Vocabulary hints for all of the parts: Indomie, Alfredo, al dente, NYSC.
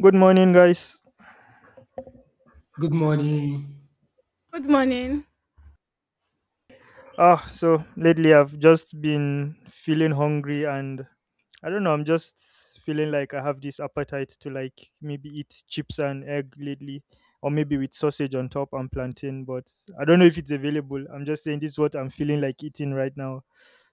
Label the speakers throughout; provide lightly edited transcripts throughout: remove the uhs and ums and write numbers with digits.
Speaker 1: Good morning, guys.
Speaker 2: Good morning.
Speaker 3: Good morning.
Speaker 1: So lately I've just been feeling hungry, and I don't know. I'm just feeling like I have this appetite to like maybe eat chips and egg lately, or maybe with sausage on top and plantain. But I don't know if it's available. I'm just saying this is what I'm feeling like eating right now.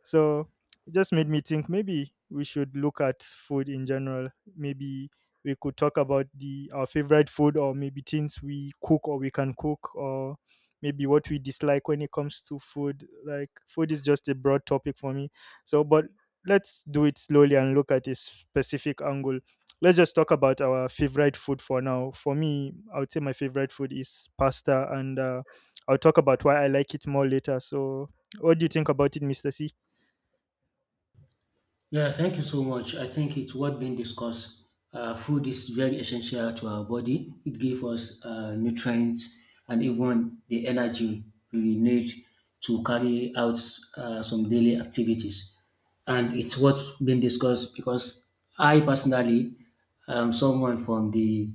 Speaker 1: So it just made me think maybe we should look at food in general. Maybe we could talk about the our favorite food, or maybe things we cook or we can cook, or maybe what we dislike when it comes to food. Like food is just a broad topic for me. So but let's do it slowly and look at a specific angle. Let's just talk about our favorite food for now. For me, I would say my favorite food is pasta, and I'll talk about why I like it more later. So what do you think about it, Mr. C?
Speaker 2: Yeah, thank you so much. I think it's what being discussed. Food is very essential to our body. It gives us nutrients and even the energy we need to carry out some daily activities. And it's what being discussed because I personally I'm someone from the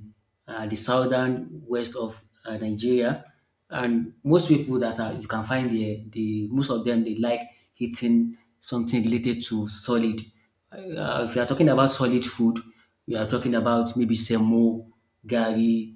Speaker 2: the southern west of Nigeria, and most people that are, you can find there, the most of them they like eating something related to solid. If you are talking about solid food, we are talking about maybe semo, gari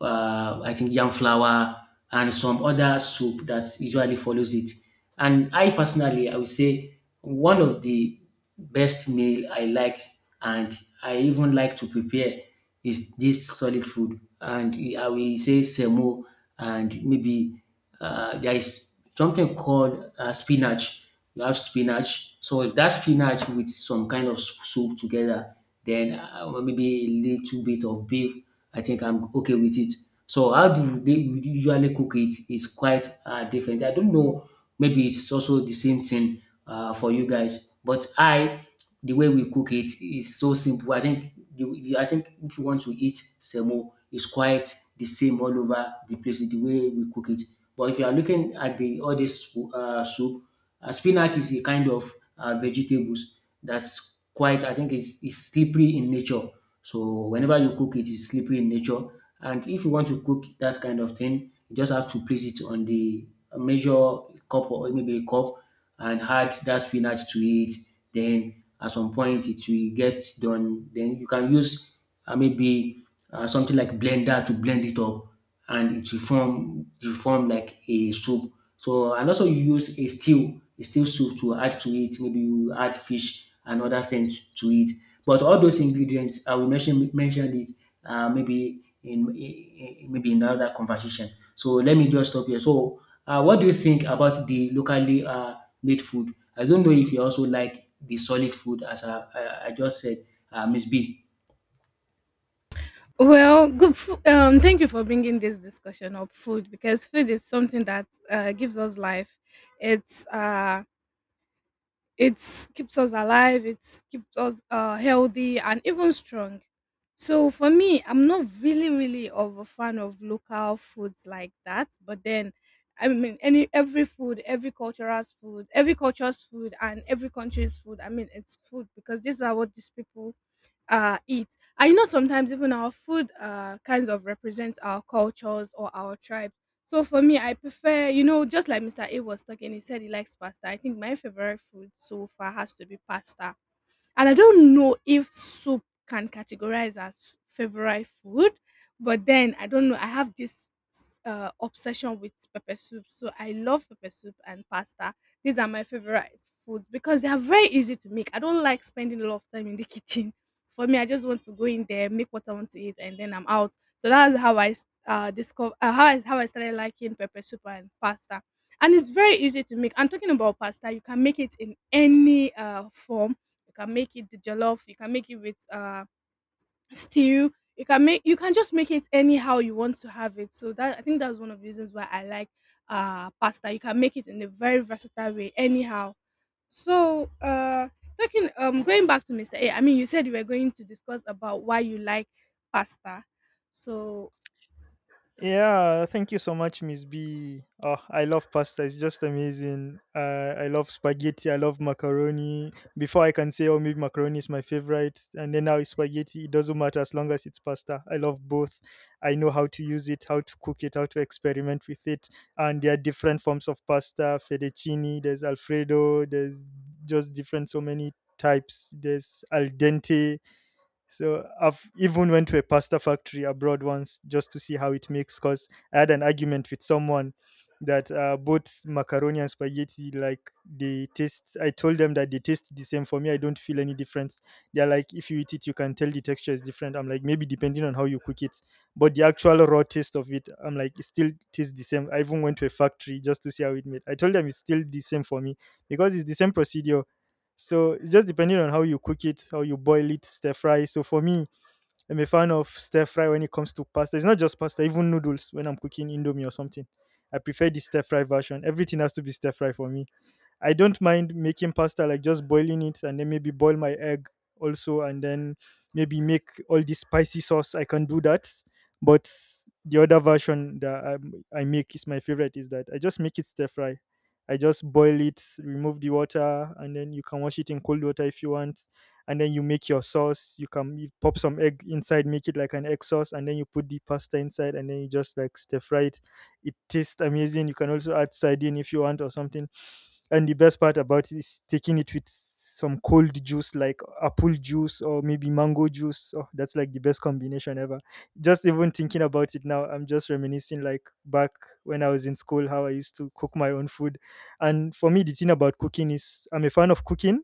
Speaker 2: I think yam flour and some other soup that usually follows it. And I personally, I would say one of the best meal I like and I even like to prepare is this solid food. And I will say semo and maybe there is something called spinach. You have spinach. So if that spinach with some kind of soup together, then maybe a little bit of beef I think I'm okay with it. So how do they usually cook it is quite different. I don't know. Maybe it's also the same thing for you guys. But I, the way we cook it is so simple. I think I think if you want to eat semo, it's quite the same all over the place. The way we cook it. But if you are looking at the all this soup, spinach is a kind of vegetables that's quite. I think it's slippery in nature. So whenever you cook it, it's slippery in nature. And if you want to cook that kind of thing, you just have to place it on the measure cup or maybe a cup and add that spinach to it. Then at some point it will get done. Then you can use maybe something like blender to blend it up and it will form like a soup. So and also you use a stew soup to add to it. Maybe you add fish and other things to it. But all those ingredients, I will mention it maybe in another conversation. So let me just stop here. So what do you think about the locally made food? I don't know if you also like the solid food as I just said, Miss B.
Speaker 3: Well, good. Thank you for bringing this discussion up food because food is something that gives us life. It's uh, it's keeps us alive. It keeps us healthy and even strong. So for me, I'm not really of a fan of local foods like that. But then, I mean, any every food, every culture's food, and every country's food. I mean, it's food because these are what these people eat, and you know sometimes even our food kinds of represents our cultures or our tribe. So for me, I prefer, you know, just like Mr. A was talking, he said he likes pasta. I think my favorite food so far has to be pasta, and I don't know if soup can categorize as favorite food, but then I don't know. I have this obsession with pepper soup, so I love pepper soup and pasta. These are my favorite foods because they are very easy to make. I don't like spending a lot of time in the kitchen. For me, I just want to go in there, make what I want to eat, and then I'm out. So that's how I discover how I started liking pepper soup and pasta. And it's very easy to make. I'm talking about pasta. You can make it in any form. You can make it the jollof. You can make it with stew. You can just make it anyhow you want to have it. So that I think that's one of the reasons why I like pasta. You can make it in a very versatile way anyhow. So talking going back to Mr. A, I mean you said you were going to discuss about why you like pasta. So.
Speaker 1: Yeah, thank you so much, Miss B. Oh, I love pasta. It's just amazing. I love spaghetti. I love macaroni. Before I can say, oh, maybe macaroni is my favorite, and then now it's spaghetti. It doesn't matter as long as it's pasta. I love both. I know how to use it, how to cook it, how to experiment with it. And there are different forms of pasta: fettuccine, there's Alfredo, there's just different, so many types. There's al dente, so I've even went to a pasta factory abroad once just to see how it makes. Cause I had an argument with someone that both macaroni and spaghetti like they taste. I told them that they taste the same. For me, I don't feel any difference. They're like, if you eat it, you can tell the texture is different. I'm like, maybe depending on how you cook it, but the actual raw taste of it, I'm like, it still tastes the same. I even went to a factory just to see how it made. I told them it's still the same for me because it's the same procedure, so it's just depending on how you cook it, how you boil it, stir fry. So for me, I'm a fan of stir fry when it comes to pasta. It's not just pasta, even noodles when I'm cooking Indomie or something. I prefer the stir fry version. Everything has to be stir fry for me. I don't mind making pasta, like just boiling it and then maybe boil my egg also, and then maybe make all this spicy sauce. I can do that. But the other version that I make is my favorite is that I just make it stir fry. I just boil it, remove the water, and then you can wash it in cold water if you want. And then you make your sauce. You can you pop some egg inside, make it like an egg sauce, and then you put the pasta inside, and then you just like stir fry it, it tastes amazing. You can also add sardine if you want or something. And the best part about it is taking it with some cold juice like apple juice or maybe mango juice. Oh, that's like the best combination ever. Just even thinking about it now, I'm just reminiscing like back when I was in school how I used to cook my own food. And for me, the thing about cooking is I'm a fan of cooking.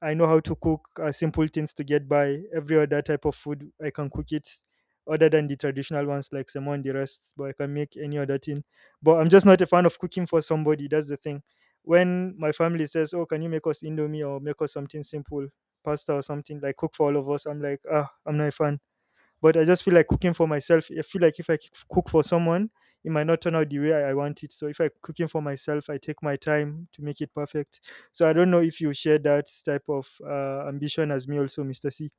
Speaker 1: I know how to cook simple things to get by. Every other type of food, I can cook it other than the traditional ones like salmon and the rest, but I can make any other thing. But I'm just not a fan of cooking for somebody. That's the thing. When my family says, "Oh, can you make us Indomie or make us something simple, pasta or something, like cook for all of us," I'm like, "Ah, I'm not a fan," but I just feel like cooking for myself. I feel like if I cook for someone, it might not turn out the way I want it. So if I cooking for myself, I take my time to make it perfect. So I don't know if you share that type of ambition as me also, Mr. C.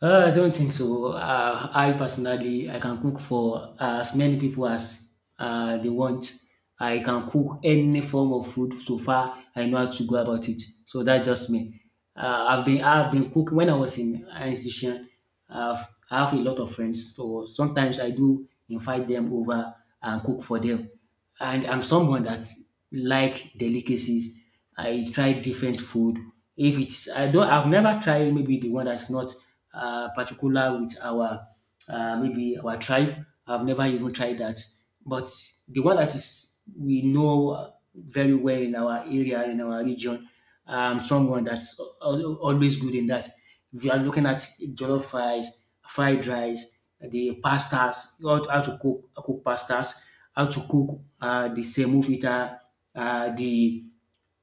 Speaker 2: I don't think so. I personally, I can cook for as many people as they want. I can cook any form of food. So far, I know how to go about it. So that's just me. I've been cooking when I was in an institution. I've, I have a lot of friends, so sometimes I do invite them over and cook for them and I'm someone that like delicacies. I try different food. If it's I've never tried maybe the one that's not particular with our maybe our tribe. I've never even tried that. But the one that is we know very well in our area in our region, someone that's always good in that. If you are looking at jollof rice, fried rice, the pastas, how to cook pastas, how to cook the semovita, the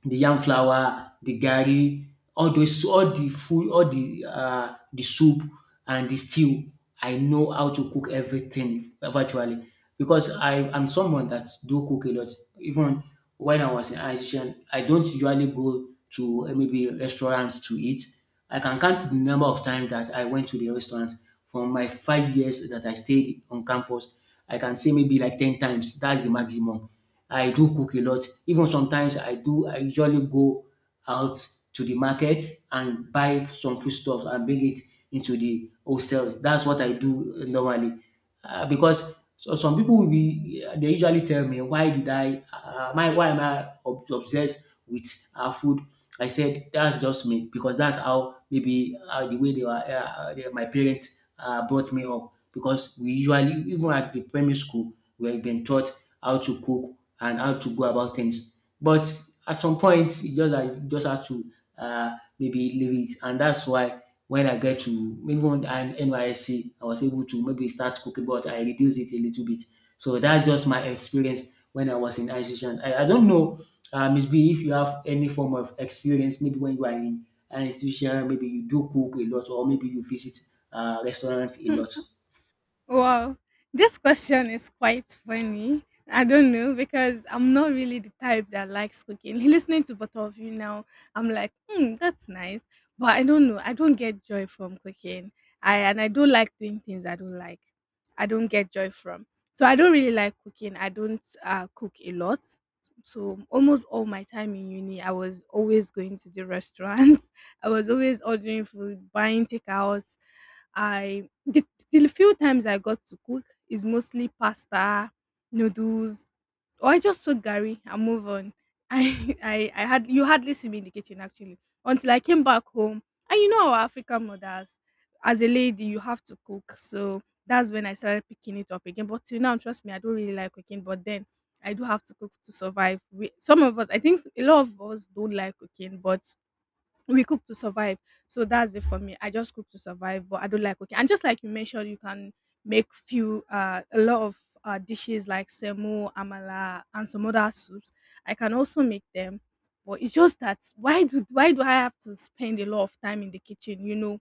Speaker 2: yam flour, the garri, all the food, all the soup and the stew. I know how to cook everything virtually because I am someone that do cook a lot. Even when I was in Asian, I don't usually go to maybe restaurants to eat. I can count the number of times that I went to the restaurant from my 5 years that I stayed on campus. I can say maybe like 10 times. That's the maximum. I do cook a lot. Even sometimes I usually go out to the market and buy some foodstuff and bring it into the hostel. That's what I do normally. Because so some people will be, they usually tell me, why did why am I obsessed with our food? I said, that's just me because that's how maybe the way they were, they, my parents brought me up. Because we usually, even at the primary school, we have been taught how to cook and how to go about things. But at some point, you just have to uh, maybe leave it, and that's why when I'm NYSC, I was able to maybe start cooking, but I reduced it a little bit. So that's just my experience when I was in institution. I don't know, Miss B, if you have any form of experience, maybe when you are in an institution, maybe you do cook a lot, or maybe you visit restaurants a lot.
Speaker 3: Wow, this question is quite funny. I don't know because I'm not really the type that likes cooking. Listening to both of you now, I'm like, hmm, that's nice. But I don't know. I don't get joy from cooking. I don't like doing things I don't like. I don't get joy from. So I don't really like cooking. I don't cook a lot. So almost all my time in uni, I was always going to the restaurants. I was always ordering food, buying takeouts. I The few times I got to cook is mostly pasta, noodles, or I just soak Gary and move on. I had you hardly see me in the kitchen actually until I came back home. And you know our African mothers, as a lady, you have to cook. So that's when I started picking it up again. But till now, trust me, I don't really like cooking. But then I do have to cook to survive. Some of us, I think a lot of us don't like cooking, but we cook to survive. So that's it for me. I just cook to survive, but I don't like cooking. And just like you mentioned, you can make few a lot of dishes like semo, amala, and some other soups. I can also make them, but it's just that why do I have to spend a lot of time in the kitchen? You know,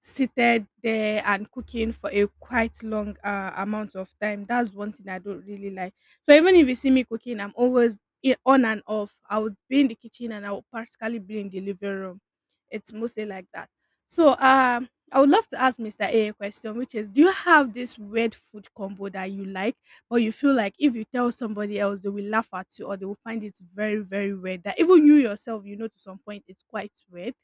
Speaker 3: seated there and cooking for a quite long amount of time. That's one thing I don't really like. So even if you see me cooking, I'm always on and off. I would be in the kitchen and I would practically be in the living room. It's mostly like that. So I would love to ask Mr. A a question, which is do you have this weird food combo that you like, but you feel like if you tell somebody else they will laugh at you or they will find it very, very weird that even you yourself you know to some point it's quite weird.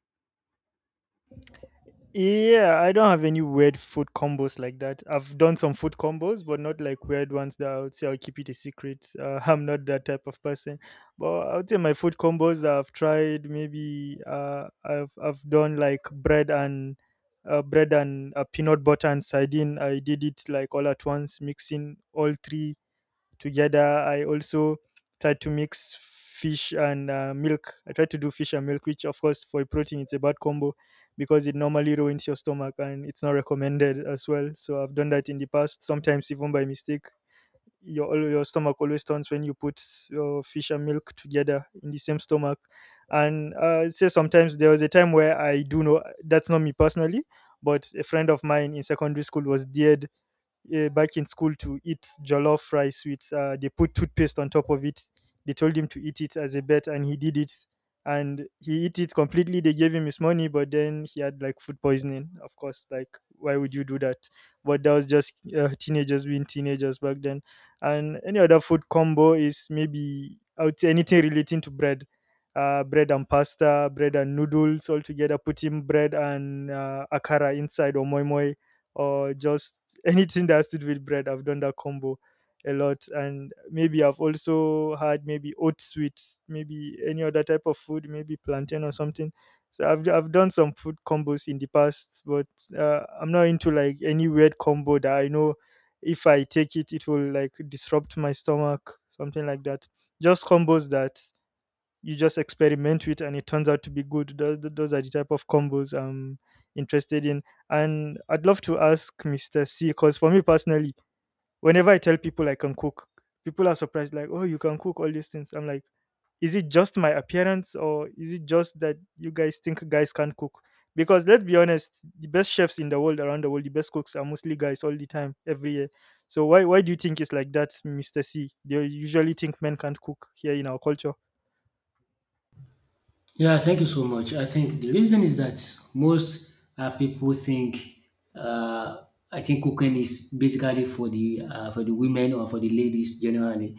Speaker 1: Yeah, I don't have any weird food combos like that. I've done some food combos, but not like weird ones that I would say I'll keep it a secret. I'm not that type of person. But I would say my food combos that I've tried, maybe I've done like bread and bread and peanut butter and sardine. I did it like all at once, mixing all three together. I also try to mix fish and milk. I try to do fish and milk, which of course for protein it's a bad combo because it normally ruins your stomach and it's not recommended as well. So I've done that in the past, sometimes even by mistake. Your your stomach always turns when you put your fish and milk together in the same stomach. And say sometimes there was a time where I do know that's not me personally, but a friend of mine in secondary school was dead back in school to eat jollof rice with, they put toothpaste on top of it. They told him to eat it as a bet, and he did it. And he ate it completely. They gave him his money, but then he had like food poisoning. Of course, like why would you do that? But that was just teenagers being teenagers back then. And any other food combo is maybe out anything relating to bread, bread and pasta, bread and noodles all together. Putting bread and akara inside or moi moi or just anything that's to do with bread. I've done that combo a lot. And maybe I've also had maybe oats with maybe any other type of food, maybe plantain or something. So I've done some food combos in the past, but I'm not into like any weird combo that I know if I take it, it will like disrupt my stomach, something like that. Just combos that you just experiment with and it turns out to be good, those are the type of combos I'm interested in. And I'd love to ask Mr. C, because for me personally, whenever I tell people I can cook, people are surprised, like, "Oh, you can cook all these things." I'm like, is it just my appearance or is it just that you guys think guys can't cook? Because let's be honest, the best chefs in the world around the world, the best cooks are mostly guys all the time, every year. So why do you think it's like that, Mr. C? They usually think men can't cook here in our culture.
Speaker 2: Yeah, thank you so much. I think the reason is that most people think, uh, I think cooking is basically for the women or for the ladies generally,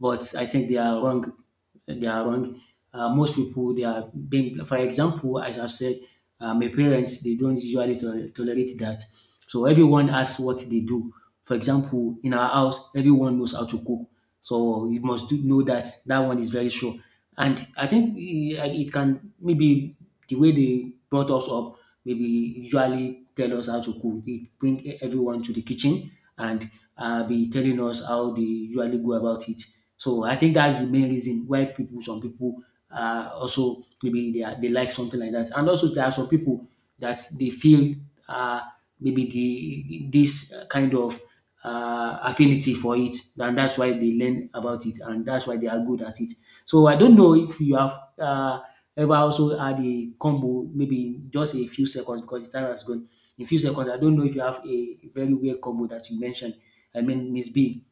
Speaker 2: but I think they are wrong uh, they are wrong. Most people they are being, for example, as I've said, my parents they don't usually tolerate that. So everyone asks what they do. For example, in our house, everyone knows how to cook. So you must do, know that that one is very sure. And I think eh, it can maybe the way they brought us up maybe usually tell us how to cook. They bring everyone to the kitchen and be telling us how they usually go about it. So I think that's the main reason why people, some people, also maybe they like something like that. And also there are some people that they feel uh, maybe the this kind of affinity for it, and that's why they learn about it, and that's why they are good at it. So I don't know if you have ever also had a combo, maybe in just a few seconds because the time has gone. In few seconds, I don't know if you have a very weird combo that you mentioned. I mean, Miss B.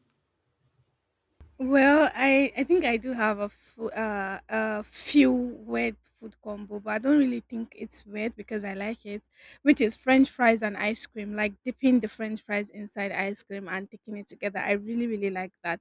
Speaker 3: Well, I think I do have a, a few weird food combo, but I don't really think it's weird because I like it, which is French fries and ice cream, like dipping the French fries inside ice cream and taking it together. I really, really like that.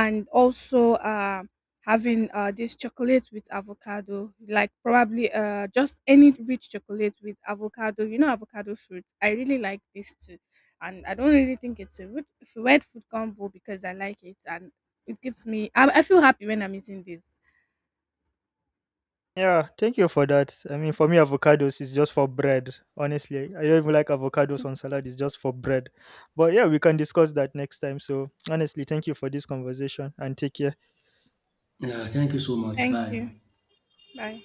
Speaker 3: And also having this chocolate with avocado, like probably just any rich chocolate with avocado, you know, avocado fruit. I really like this too, and I don't really think it's a weird food combo because I like it and it gives me, I feel happy when I'm eating this.
Speaker 1: Yeah, thank you for that. I mean, for me, avocados is just for bread. Honestly, I don't even like avocados on salad. It's just for bread. But yeah, we can discuss that next time. So honestly, thank you for this conversation and take care.
Speaker 2: Thank you so much.
Speaker 3: Thank
Speaker 2: Bye.
Speaker 3: you. Bye.